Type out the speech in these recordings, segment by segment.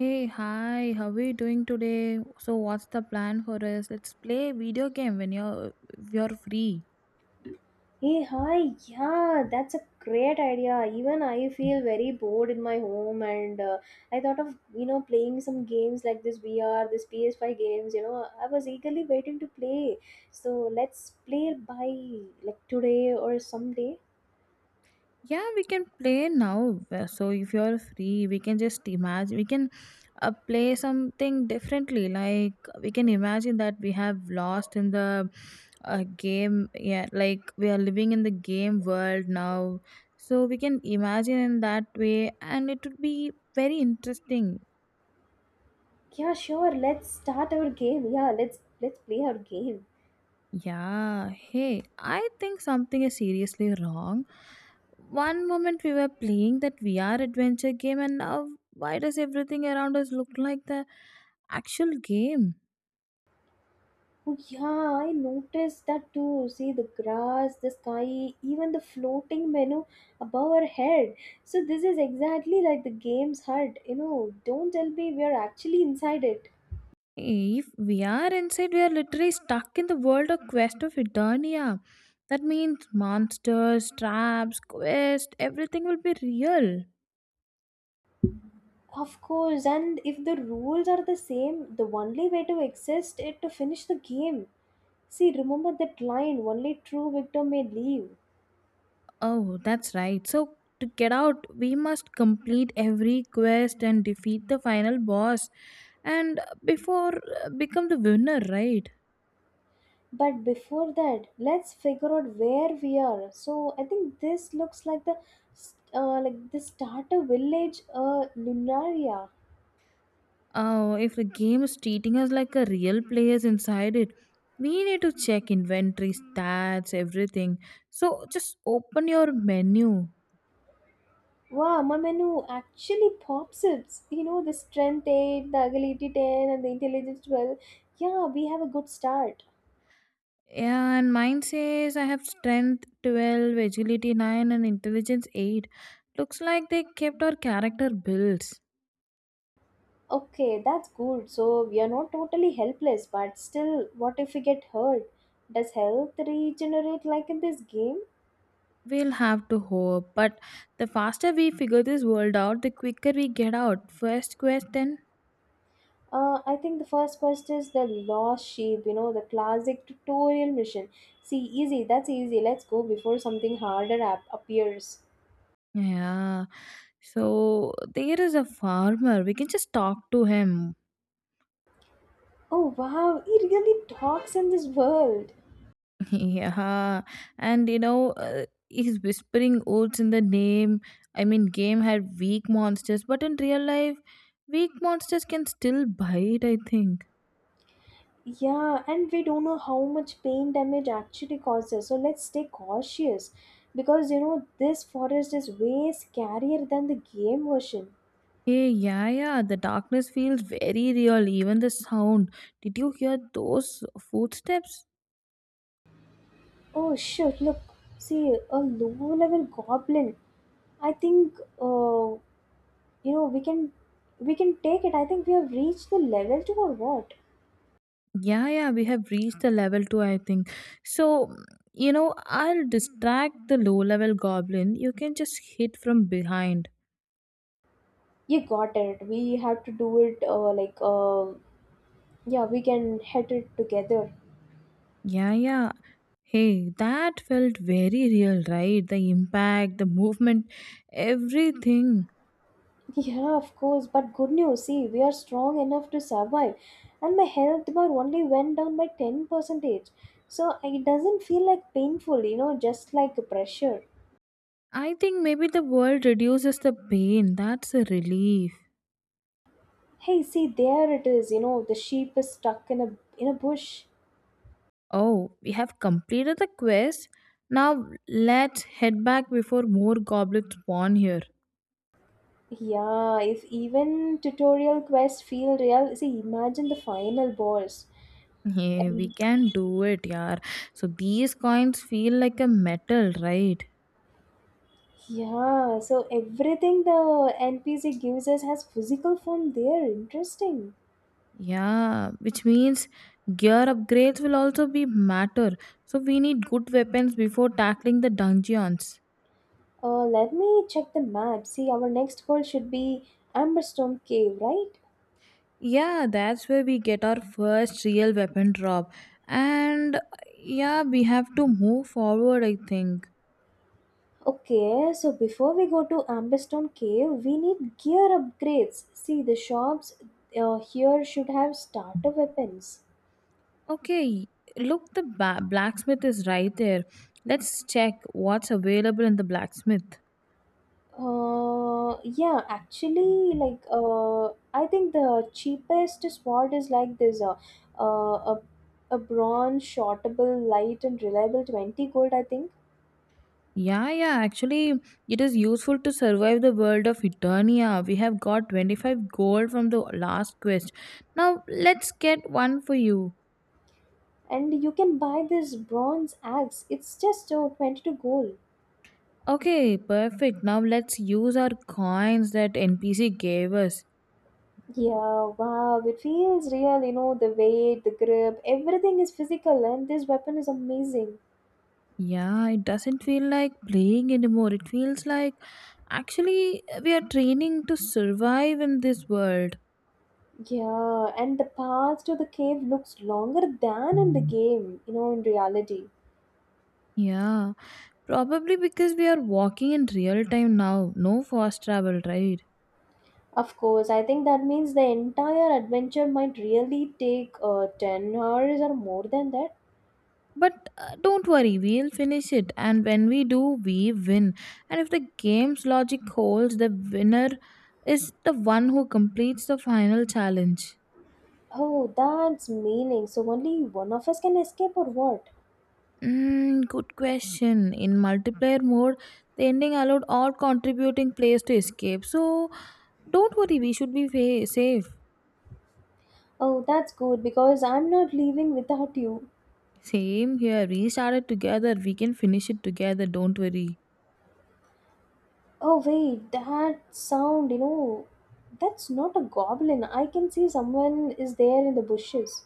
Hey, hi, how are you doing today? So, what's the plan for us? Let's play video game when you're if you're free. Hey, hi, yeah, that's a great idea. Even I feel very bored in my home, and I thought of playing some games like this VR, this PS5 games. You know, I was eagerly waiting to play. So let's play by like today or someday. Yeah, we can play now. So, if you're free, we can just imagine we can play something differently. Like we can imagine that we have lost in the game. Yeah, like we are living in the game world now. So we can imagine in that way, and it would be very interesting. Yeah, sure. Let's start our game. Yeah, let's play our game. Yeah, hey, I think something is seriously wrong. One moment we were playing that VR adventure game, and now why does everything around us look like the actual game? Oh yeah, I noticed that too. See the grass, the sky, even the floating menu above our head. So this is exactly like the game's hut. You know, don't tell me we are actually inside it. If we are inside, we are literally stuck in the world of Quest of Eternia. That means monsters, traps, quest, everything will be real. Of course, and if the rules are the same, the only way to exist is to finish the game. See, remember that line, only true victor may leave. Oh, that's right. So, to get out, we must complete every quest and defeat the final boss and before become the winner, right? But before that, let's figure out where we are. So I think this looks like the starter village, Lunaria. Oh, if the game is treating us like a real players inside it, we need to check inventory, stats, everything. So, just open your menu. Wow, my menu actually pops up. You know, the strength 8, the agility 10, and the intelligence 12. Yeah, we have a good start. Yeah, and mine says I have strength 12, agility 9, and intelligence 8. Looks like they kept our character builds. Okay, that's good. So we are not totally helpless, but still, what if we get hurt? Does health regenerate like in this game? We'll have to hope, but the faster we figure this world out, the quicker we get out. First question. I think the first quest is the lost sheep, you know, the classic tutorial mission. See, easy, that's easy. Let's go before something harder appears. Yeah. So there is a farmer. We can just talk to him. Oh wow, he really talks in this world. yeah. And you know, he's whispering oaths in the name. I mean, game had weak monsters, but in real life, weak monsters can still bite, I think. Yeah, and we don't know how much pain damage actually causes, so let's stay cautious because you know this forest is way scarier than the game version. Hey, yeah, yeah, the darkness feels very real, even the sound. Did you hear those footsteps? Oh shit, look, see a low level goblin. I think uh, you know we can take it. I think we have reached the level to or what? Yeah, yeah, we have reached the level 2, I think. So, you know, I'll distract the low level goblin. You can just hit from behind. You got it. We have to do it, yeah, we can head it together. Yeah, yeah. Hey, that felt very real, right? The impact, the movement, everything. Yeah, of course, but good news, see, we are strong enough to survive, and my health bar only went down by 10 percentage, so it doesn't feel like painful, you know, just like pressure. I think maybe the world reduces the pain. That's a relief. Hey, see, there it is, you know, the sheep is stuck in a bush. Oh, we have completed the quest. Now let's head back before more goblins spawn here. Yeah, if even tutorial quests feel real, see, imagine the final boss. Yeah, we And can do it, yeah. So these coins feel like a metal, right? yeah, so everything the NPC gives us has physical form there. Interesting. Yeah, which means gear upgrades will also be matter. So we need good weapons before tackling the dungeons. Let me check the map. See, our next goal should be Amberstone Cave, right? Yeah, that's where we get our first real weapon drop. And yeah, we have to move forward, I think. Okay, so before we go to Amberstone Cave, we need gear upgrades. See, the shops here should have starter weapons. Okay, look, blacksmith is right there. Let's check what's available in the blacksmith. Uh, yeah, actually, like, uh, I think the cheapest sword is like this, uh, a a bronze shortable, light and reliable 20 gold, I think, Yeah, yeah, actually, it is useful to survive the world of Eternia. We have got 25 gold from the last quest. Now, let's get one for you. and you can buy this bronze axe. It's just 22 gold. Okay, perfect. Now, let's use our coins that NPC gave us. Yeah, wow, it feels real. You know, the weight, the grip, everything is physical, and this weapon is amazing. Yeah, it doesn't feel like playing anymore. It feels like actually we are training to survive in this world. Yeah, and the path to the cave looks longer than in the game. You know, in reality. Yeah, probably because we are walking in real time now. No fast travel, right? Of course, I think that means the entire adventure might really take 10 hours or more than that. But don't worry, we'll finish it. And when we do, we win. And if the game's logic holds, the winner is the one who completes the final challenge. Oh, that's meaning. So only one of us can escape or what? Mm, good question. In multiplayer mode, the ending allowed all contributing players to escape. So don't worry, we should be safe. Oh, that's good because I'm not leaving without you. Same here. We started together. We can finish it together. Don't worry. Oh, wait, that sound, you know, that's not a goblin. I can see someone is there in the bushes.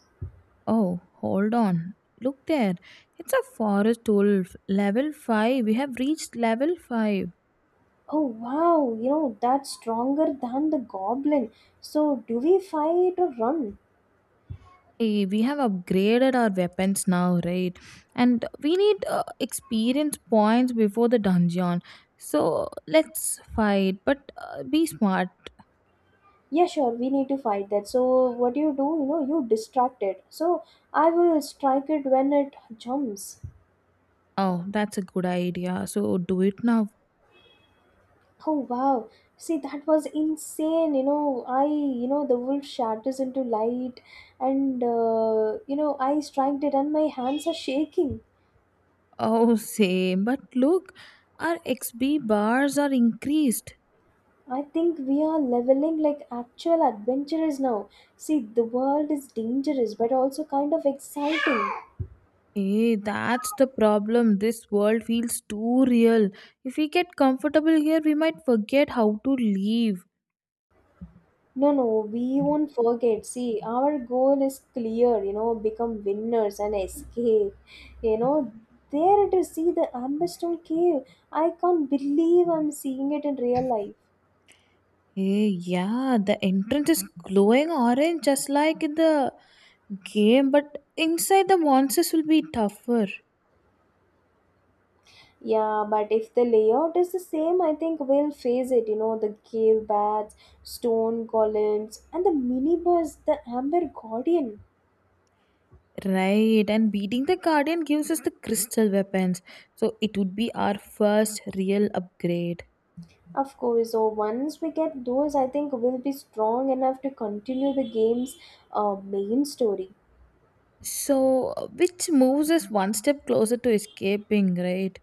Oh, hold on. Look there. It's a forest wolf. Level 5. We have reached level 5. Oh, wow, you know, that's stronger than the goblin. So do we fight or run? Hey, we have upgraded our weapons now, right? And we need experience points before the dungeon. So let's fight, but be smart. Yeah, sure, we need to fight that. So what do you do? You know, you distract it, so I will strike it when it jumps. Oh, that's a good idea. So do it now. Oh wow, see, that was insane. You know, the wolf shatters into light, and you know, I striked it and my hands are shaking. Oh, same. But look, our X B bars are increased. I think we are leveling like actual adventurers now. See, the world is dangerous but also kind of exciting. Hey, that's the problem. This world feels too real. If we get comfortable here, we might forget how to leave. No, no, we won't forget. See, our goal is clear, you know, become winners and escape. You know, there it is. See the Amberstone Cave. I can't believe I'm seeing it in real life. Hey, yeah, the entrance is glowing orange just like in the game, but inside the monsters will be tougher. Yeah, but if the layout is the same, I think we'll face it. You know, the cave baths, stone columns, and the minibus, the Amber Guardian. Right, and beating the guardian gives us the crystal weapons, so it would be our first real upgrade. Of course, so once we get those, I think we'll be strong enough to continue the game's main story. So, which moves us one step closer to escaping, right?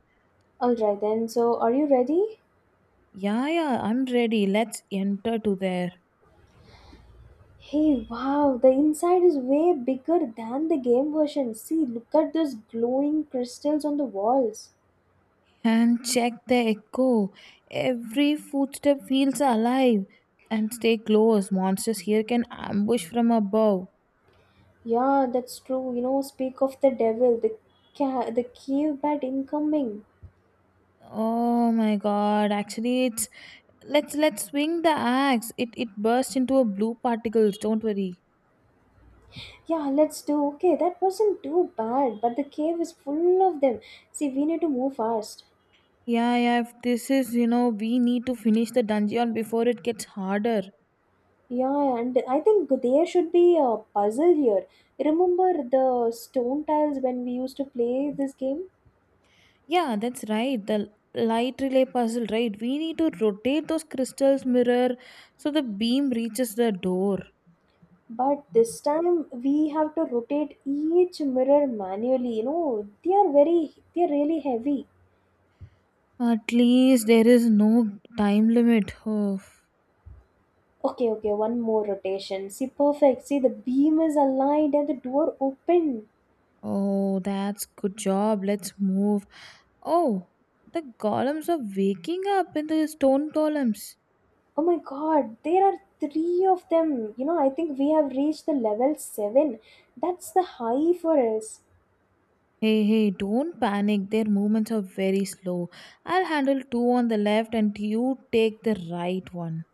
All right then. So, are you ready? Yeah, yeah, I'm ready. Let's enter to there Hey, wow, the inside is way bigger than the game version. See, look at those glowing crystals on the walls. and check the echo. Every footstep feels alive. And stay close. Monsters here can ambush from above. Yeah, that's true. You know, speak of the devil, the the cave bat incoming. Oh my god, actually it's let's swing the axe. It bursts into a blue particles, don't worry. Yeah, let's do. Okay, that wasn't too bad, but the cave is full of them. See, we need to move fast. Yeah, yeah, if this is you know, we need to finish the dungeon before it gets harder. Yeah, and I think there should be a puzzle here. Remember the stone tiles when we used to play this game? Yeah, that's right. The light relay puzzle, right? We need to rotate those crystals mirror so the beam reaches the door. But this time we have to rotate each mirror manually. You know, they are very, they are really heavy. At least there is no time limit. Oh, Okay, okay, one more rotation. See, perfect. See, the beam is aligned and the door open. oh that's good job. Let's move. Oh, the golems are waking up in the stone columns. Oh my god, there are three of them. You know, I think we have reached the level 7. That's the high for us. Hey, hey, don't panic. Their movements are very slow. I'll handle two on the left and you take the right one.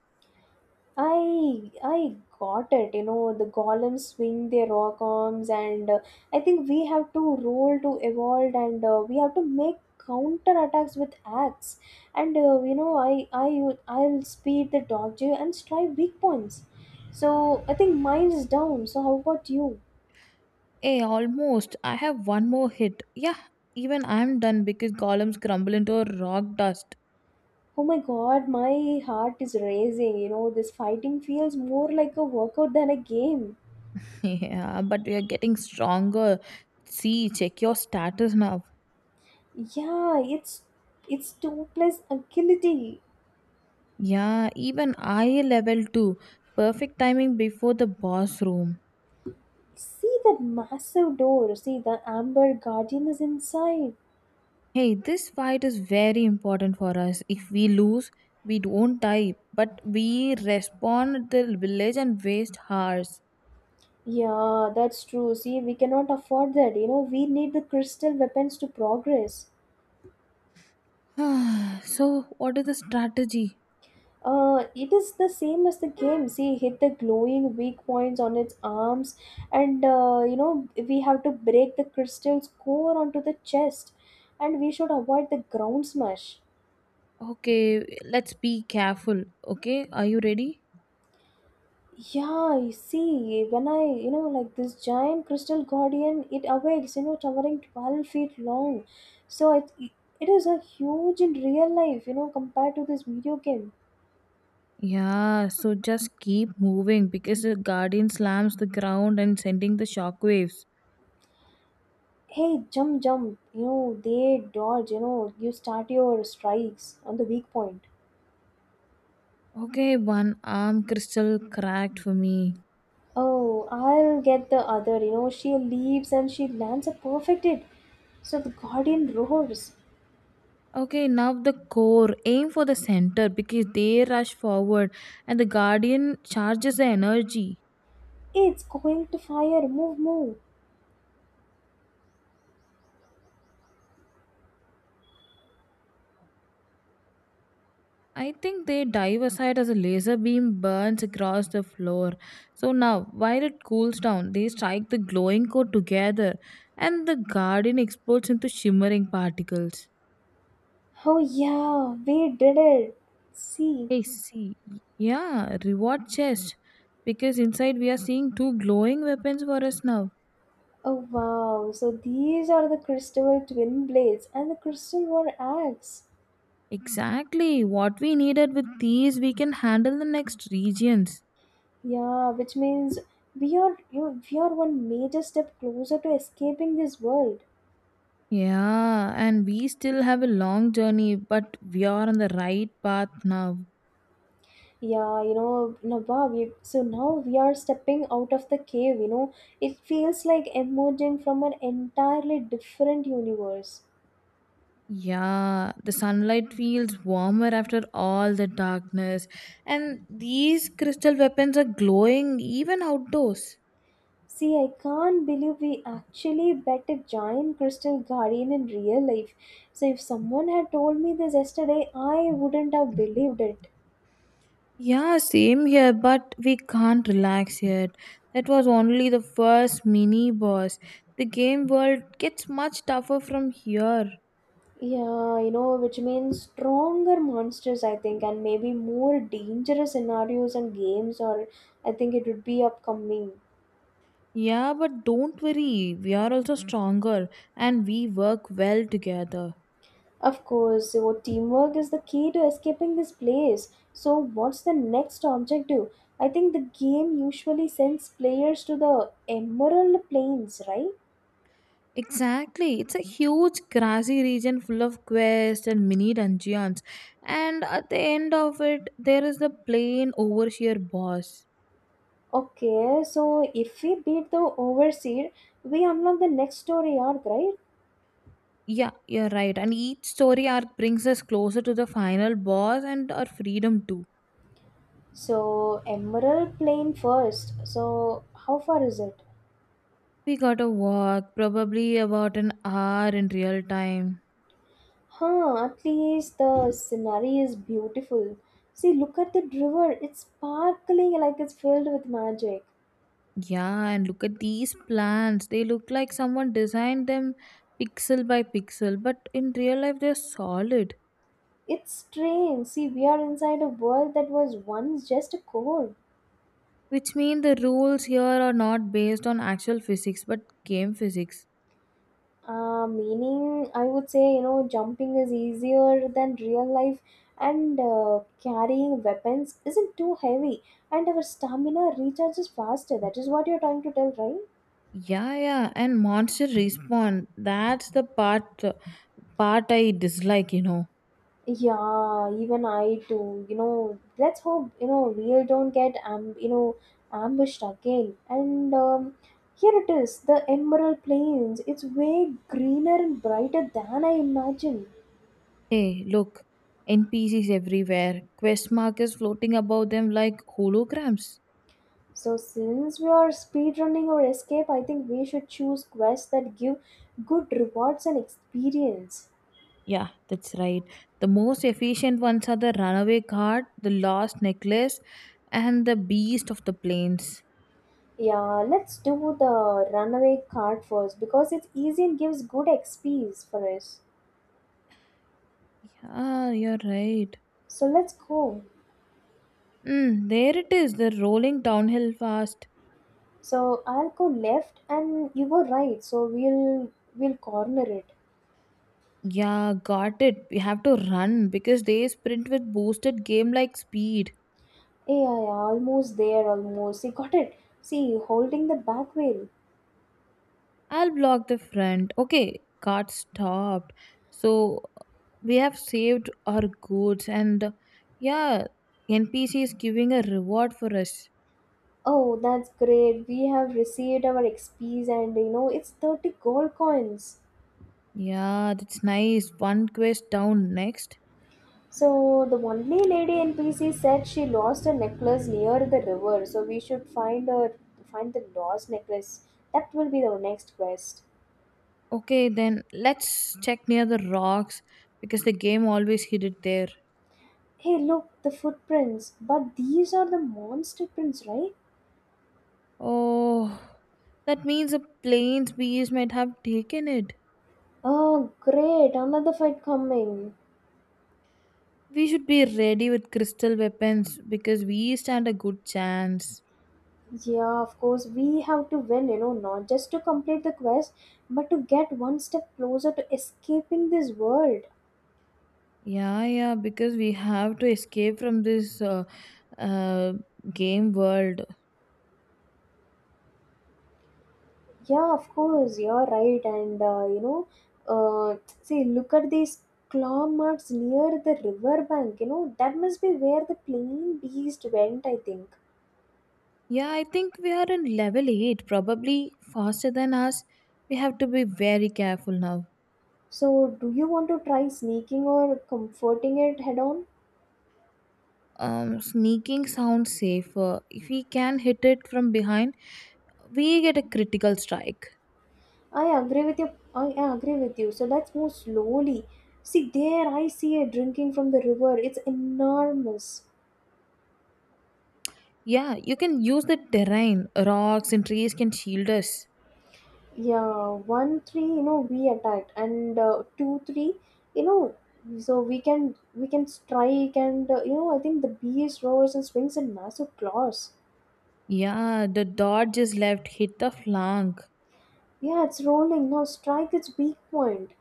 I got it. You know, the golems swing their rock arms, and I think we have to roll to evolve, and we have to make counter attacks with axe. And you know, I'll speed the dodge and strike weak points. So I think mine is down. So how about you? Hey, almost. I have one more hit. Yeah, even I'm done because columns crumble into rock dust. Oh my God, my heart is racing. You know, this fighting feels more like a workout than a game. Yeah, but we are getting stronger. See, check your status now. Yeah, it's two plus agility. Yeah, even I level 2. Perfect timing before the boss room. See that massive door. See, the amber guardian is inside. Hey, this fight is very important for us. If we lose, we don't die, but we respawn the village and waste hours. Yeah, that's true. See, we cannot afford that. You know, we need the crystal weapons to progress. so, what is the strategy? It is the same as the game. See, hit the glowing weak points on its arms, and you know, we have to break the crystal's core onto the chest, and we should avoid the ground smash. Okay, let's be careful. Okay, are you ready? Yeah, you see, when I, you know, like this giant crystal guardian, it awakes, you know, towering 12 feet long. So it is a huge in real life, you know, compared to this video game. Yeah, so just keep moving because the guardian slams the ground and sending the shockwaves. Hey, jump, jump, you know, they dodge, you know, you start your strikes on the weak point. Okay, one arm crystal cracked for me. Oh, I'll get the other, you know, she leaves and she lands a perfect hit. So the guardian roars. Okay, now the core. Aim for the center because they rush forward and the guardian charges the energy. It's going to fire, move, move. I think they dive aside as a laser beam burns across the floor. So now, while it cools down, they strike the glowing core together and the guardian explodes into shimmering particles. Oh yeah, we did it. See, I see. Yeah, reward chest. Because inside we are seeing two glowing weapons for us now. oh wow. So these are the crystal twin blades and the crystal war axe. Exactly. What we needed with these, we can handle the next regions. Yeah, which means we are, you know, we are one major step closer to escaping this world. Yeah, and we still have a long journey, but we are on the right path now. Yeah, you know, Nava, we so now we are stepping out of the cave, you know. It feels like emerging from an entirely different universe. Yeah, the sunlight feels warmer after all the darkness, and these crystal weapons are glowing even outdoors. See, I can't believe we actually bet a giant crystal guardian in real life. So, if someone had told me this yesterday, I wouldn't have believed it. Yeah, same here, but we can't relax yet. That was only the first mini boss. The game world gets much tougher from here. Yeah, you know, which means stronger monsters, I think, and maybe more dangerous scenarios and games, or I think it would be upcoming. Yeah, but don't worry, we are also stronger and we work well together. Of course, so teamwork is the key to escaping this place. So, what's the next objective? I think the game usually sends players to the Emerald Plains, right? Exactly. It's a huge grassy region full of quests and mini dungeons. And at the end of it, there is the plain overseer boss. Okay, so if we beat the overseer, we unlock the next story arc, right? Yeah, you're right. And each story arc brings us closer to the final boss and our freedom too. So Emerald Plain first. So how far is it? We got a walk, probably about an hour in real time. Huh, at least the scenery is beautiful. See, look at the river. It's sparkling like it's filled with magic. Yeah, and look at these plants. They look like someone designed them pixel by pixel, but in real life, they're solid. It's strange. See, we are inside a world that was once just a core. Which mean the rules here are not based on actual physics but game physics. Meaning, I would say, you know, jumping is easier than real life, and carrying weapons isn't too heavy, and our stamina recharges faster. That is what you're trying to tell, right? Yeah, yeah, and monster respawn. That's the part I dislike, you know. Yeah, even I do. You know, let's hope, you know, we don't get you know ambushed again, and here it is, the emerald plains. It's way greener and brighter than I imagined. Hey, look, N P C's everywhere. Quest markers floating above them like holograms. So since we are speedrunning our escape, I think we should choose quests that give good rewards and experience. Yeah, that's right. The most efficient ones are the runaway card, the lost necklace, and the beast of the plains. Yeah, let's do the runaway card first because it's easy and gives good XPs for us. Yeah, you're right. So let's go. Mm, there it is, the rolling downhill fast. So I'll go left and you go right. So we'll corner it. Yeah, got it. We have to run because they sprint with boosted game like speed. Yeah, yeah, yeah, almost there, almost. You got it. See, holding the back wheel. I'll block the front. Okay, got stopped. So we have saved our goods and yeah, NPC is giving a reward for us. Oh, that's great. We have received our XPs and you know it's 30 gold coins. Yeah, that's nice. One quest down next. So the only lady NPC said she lost a necklace near the river, so we should find her find the lost necklace. That will be our next quest. Okay, then let's check near the rocks because the game always hid it there. Hey look, the footprints. But these are the monster prints, right? Oh, that means the plains beast might have taken it. Oh great, another fight coming. We should be ready with crystal weapons because we stand a good chance. Yeah, of course, we have to win, you know, not just to complete the quest, but to get one step closer to escaping this world. Yeah, yeah, because we have to escape from this uh, game world. Yeah, of course, you're right. See, look at these claw marks near the river bank. You know, that must be where the plain beast went, I think. Yeah, I think we are in level 8, probably faster than us. We have to be very careful now. So, do you want to try sneaking or comforting it head on? Sneaking sounds safer. If we can hit it from behind, we get a critical strike. I agree with you. I agree with you. So let's move slowly. See there, I see it drinking from the river. It's enormous. Yeah, you can use the terrain. Rocks and trees can shield us. Yeah, one three. You know we attacked, and two three. You know, so we can strike, and I think the beast roars and swings in massive claws. Yeah, the dot just left hit the flank. Yeah, it's rolling. Now strike its weak point.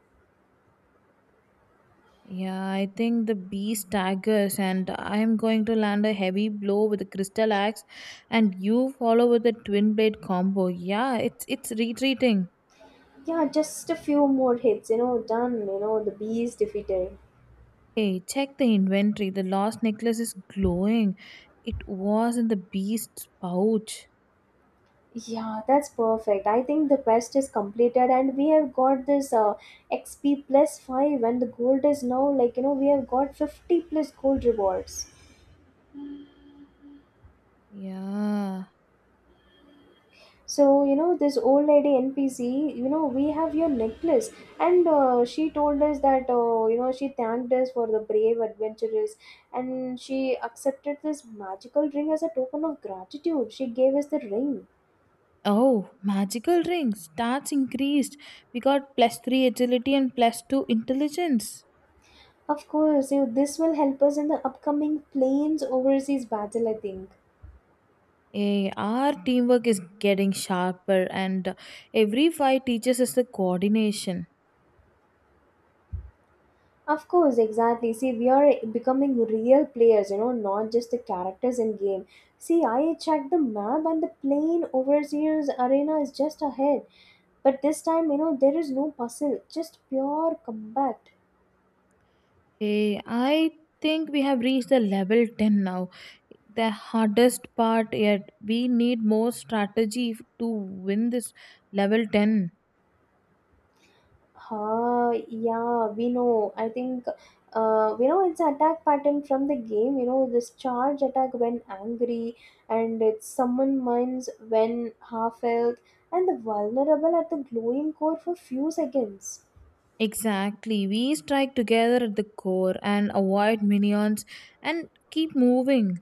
Yeah, I think the bee staggers, and I am going to land a heavy blow with the crystal axe, and you follow with the twin blade combo. Yeah, it's retreating. Yeah, just a few more hits. You know, done. You know the bee is defeated. Hey, check the inventory. The lost necklace is glowing. It was in the beast's pouch. Yeah, that's perfect. I think the quest is completed, and we have got this XP plus 5, and the gold is now like we have got 50 plus gold rewards. Yeah. So, this old lady NPC, we have your necklace, and she told us that she thanked us for the brave adventurers, and she accepted this magical ring as a token of gratitude. She gave us the ring. Oh, magical ring. Stats increased. We got plus three agility and plus two intelligence. Of course, you, this will help us in the upcoming planes overseas battle, I think. Eh, our teamwork is getting sharper, and every fight teaches us the coordination. Of course, exactly. See, we are becoming real players, not just the characters in game. See, I checked the map and the plane overseer's arena is just ahead. But this time, there is no puzzle, just pure combat. Eh, I think we have reached the level 10 now. The hardest part yet. We need more to win this level 10. Ah, yeah, we know. We know it's attack pattern from the game. You know, this charge attack when angry, and it's summon mines when half health, and the vulnerable at the glowing core for few seconds. Exactly. We strike together at the core and avoid minions and keep moving.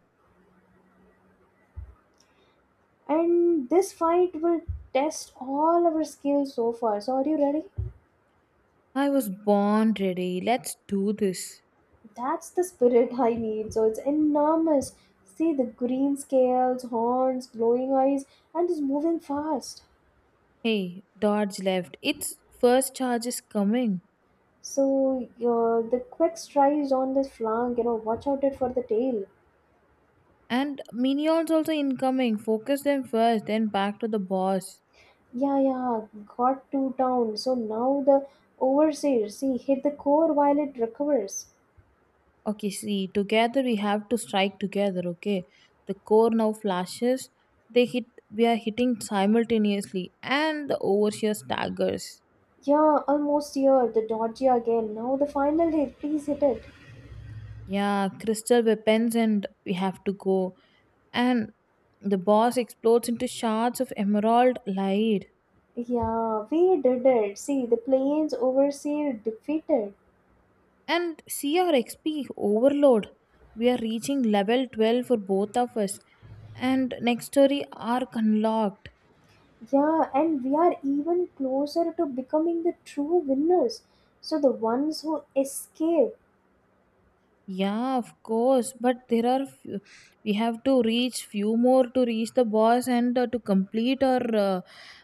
And this fight will test all our skills so far. So are you ready? I was born ready. Let's do this. That's the spirit. I need. So it's enormous. See the green scales, horns, glowing eyes, and it's moving fast. Hey, dodge left. Its first charge is coming. So the quick strides on the flank. Watch out it for the tail. And minions also incoming. Focus them first, then back to the boss. Yeah. Got two down. So now the overseer, see, hit the core while it recovers. Okay, see, together we have to strike together, okay? The core now flashes. They hit we are hitting simultaneously and the overseer staggers. Yeah, almost here. The dodgy again. Now the final hit, please hit it. Yeah, crystal weapons and we have to go. And the boss explodes into shards of emerald light. Yeah, we did it. See, the plains overseer defeated. And CRXP overload. We are reaching level 12 for both of us. And next story arc unlocked. Yeah, and we are even closer to becoming the true winners. So the ones who escape. Yeah, of course. But there are few, we have to reach few more to reach the boss and to complete our, uh,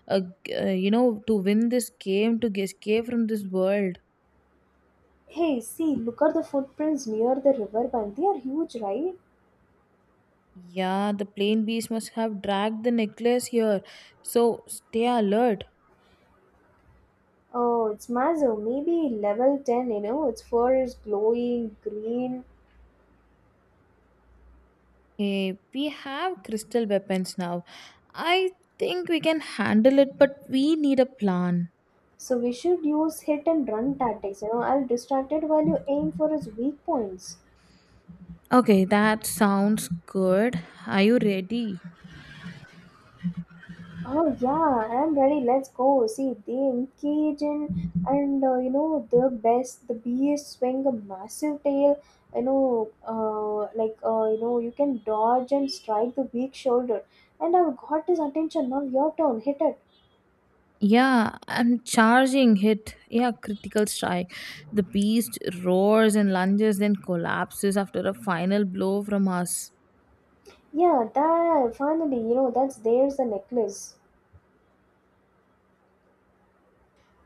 uh, g- uh, you know, to win this game to escape from this world. Hey, see, look at the footprints near the riverbank. They are huge, right? Yeah, the plain beast must have dragged the necklace here. So stay alert. Oh, it's Mazo. Maybe level 10, Its fur is glowing green. Hey, we have crystal weapons now. I think we can handle it, but we need a plan. So we should use hit and run tactics, I'll distract it while you aim for its weak points. Okay, that sounds good. Are you ready? Oh yeah, I'm ready. Let's go. See, they engage in, and you know the best. The bees swing a massive tail. You can dodge and strike the weak shoulder. And I've got his attention. Now your turn. Hit it. Yeah, I'm charging hit. Yeah, critical strike. The beast roars and lunges, then collapses after a final blow from us. Yeah, that finally, you know, that's there's the necklace.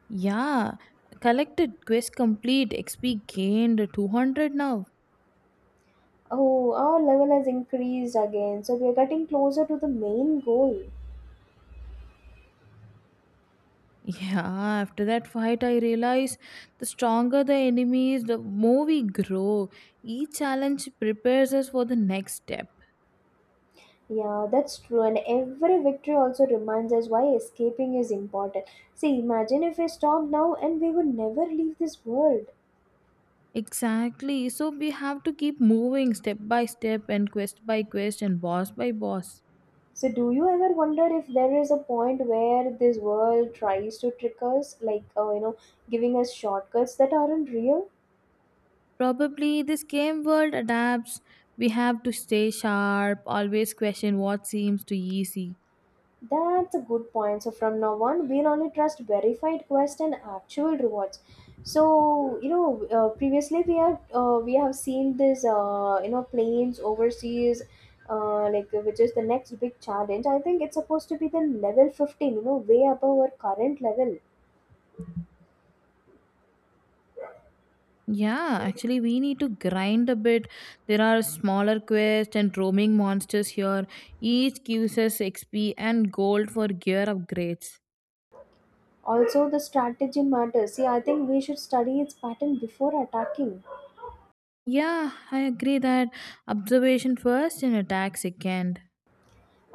Yeah, collected quest complete. XP gained 200 now. Oh, our level has increased again, so we're getting closer to the main goal. Yeah, after that fight, I realized the stronger the enemy is, the more we grow. Each challenge prepares us for the next step. Yeah, that's true. And every victory also reminds us why escaping is important. See, imagine if we stop now and we would never leave this world. Exactly. So we have to keep moving step by step and quest by quest and boss by boss. So, do you ever wonder if there is a point where this world tries to trick us, like, giving us shortcuts that aren't real? Probably this game world adapts. We have to stay sharp, always question what seems too easy. That's a good point. So from now on, we'll only trust verified quest and actual rewards. Previously, we have seen this planes overseas, like which is the next big challenge. I think it's supposed to be the level 15. You know, way above our current level. Yeah, actually, we need to grind a bit. There are smaller quests and roaming monsters here. Each gives us XP and gold for gear upgrades. Also, the strategy matters. See, I think we should study its pattern before attacking, Yeah, I agree that observation first and attack second.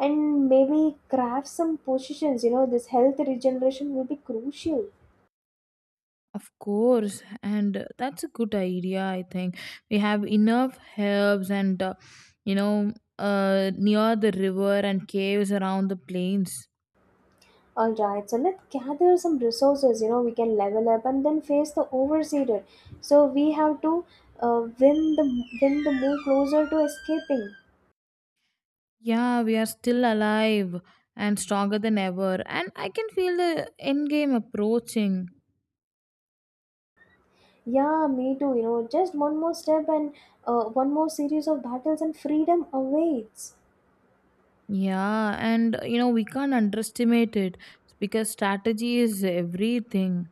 and maybe craft some positions. You know, this health regeneration will be crucial. Of course, and that's a good idea, I think. We have enough herbs and, you know, near the river and caves around the plains. All right, so let's gather some resources. You know, we can level up and then face the overseated. So we have to uh, win the win the move closer to escaping. Yeah, we are still alive and stronger than ever. And I can feel the end game approaching. Yeah, me too. Just one more step and one more series of battles and freedom awaits. Yeah, and you know, we can't underestimate it because strategy is everything.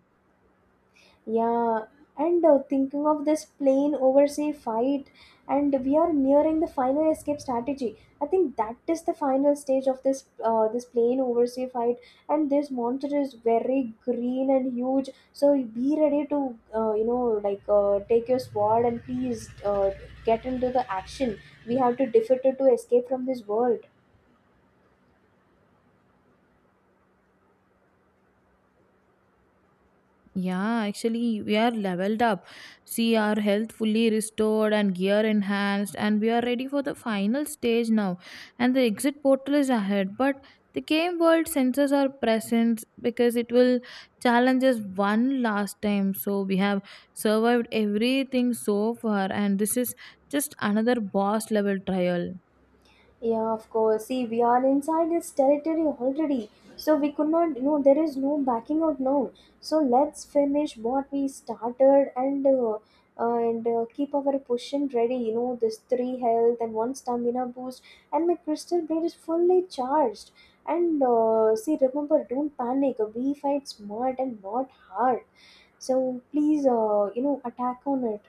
Yeah, and thinking of this plane oversea fight, and we are nearing the final escape strategy. I think that is the final stage of this this plane oversea fight, and this monster is very green and huge. So be ready to take your sword and please get into the action. We have to defeat it to escape from this world. Yeah, actually, we are leveled up. See, our health fully restored and gear enhanced, and we are ready for the final stage now. And the exit portal is ahead, but the game world senses our presence because it will challenge us one last time. So, we have survived everything so far, and this is just another boss level trial. Yeah, of course. See, we are inside this territory already. So we could not, there is no backing out now. So let's finish what we started and keep our potion ready. You know, this three health and one stamina boost, and my crystal blade is fully charged. And see, remember, don't panic. We fight smart and not hard. So please, attack on it.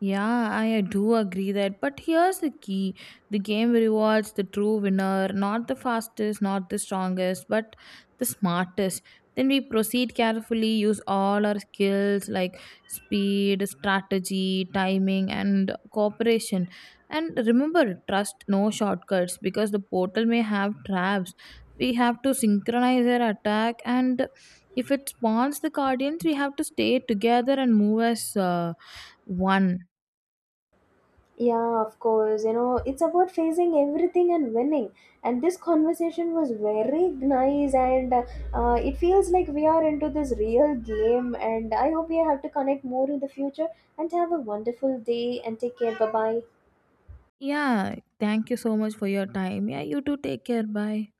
Yeah, I do agree that. But here's the key the game rewards the true winner, not the fastest, not the strongest, but the smartest. Then we proceed carefully, use all our skills like speed, strategy, timing, and cooperation. And remember, trust no shortcuts because the portal may have traps. We have to synchronize our attack, and if it spawns the guardians, we have to stay together and move as one. Yeah, of course. You know, it's about facing everything and winning. And this conversation was very nice, and it feels like we are into this real game. And I hope we have to connect more in the future. And have a wonderful day and take care. Bye bye. Yeah, thank you so much for your time. Yeah, you too. Take care. Bye.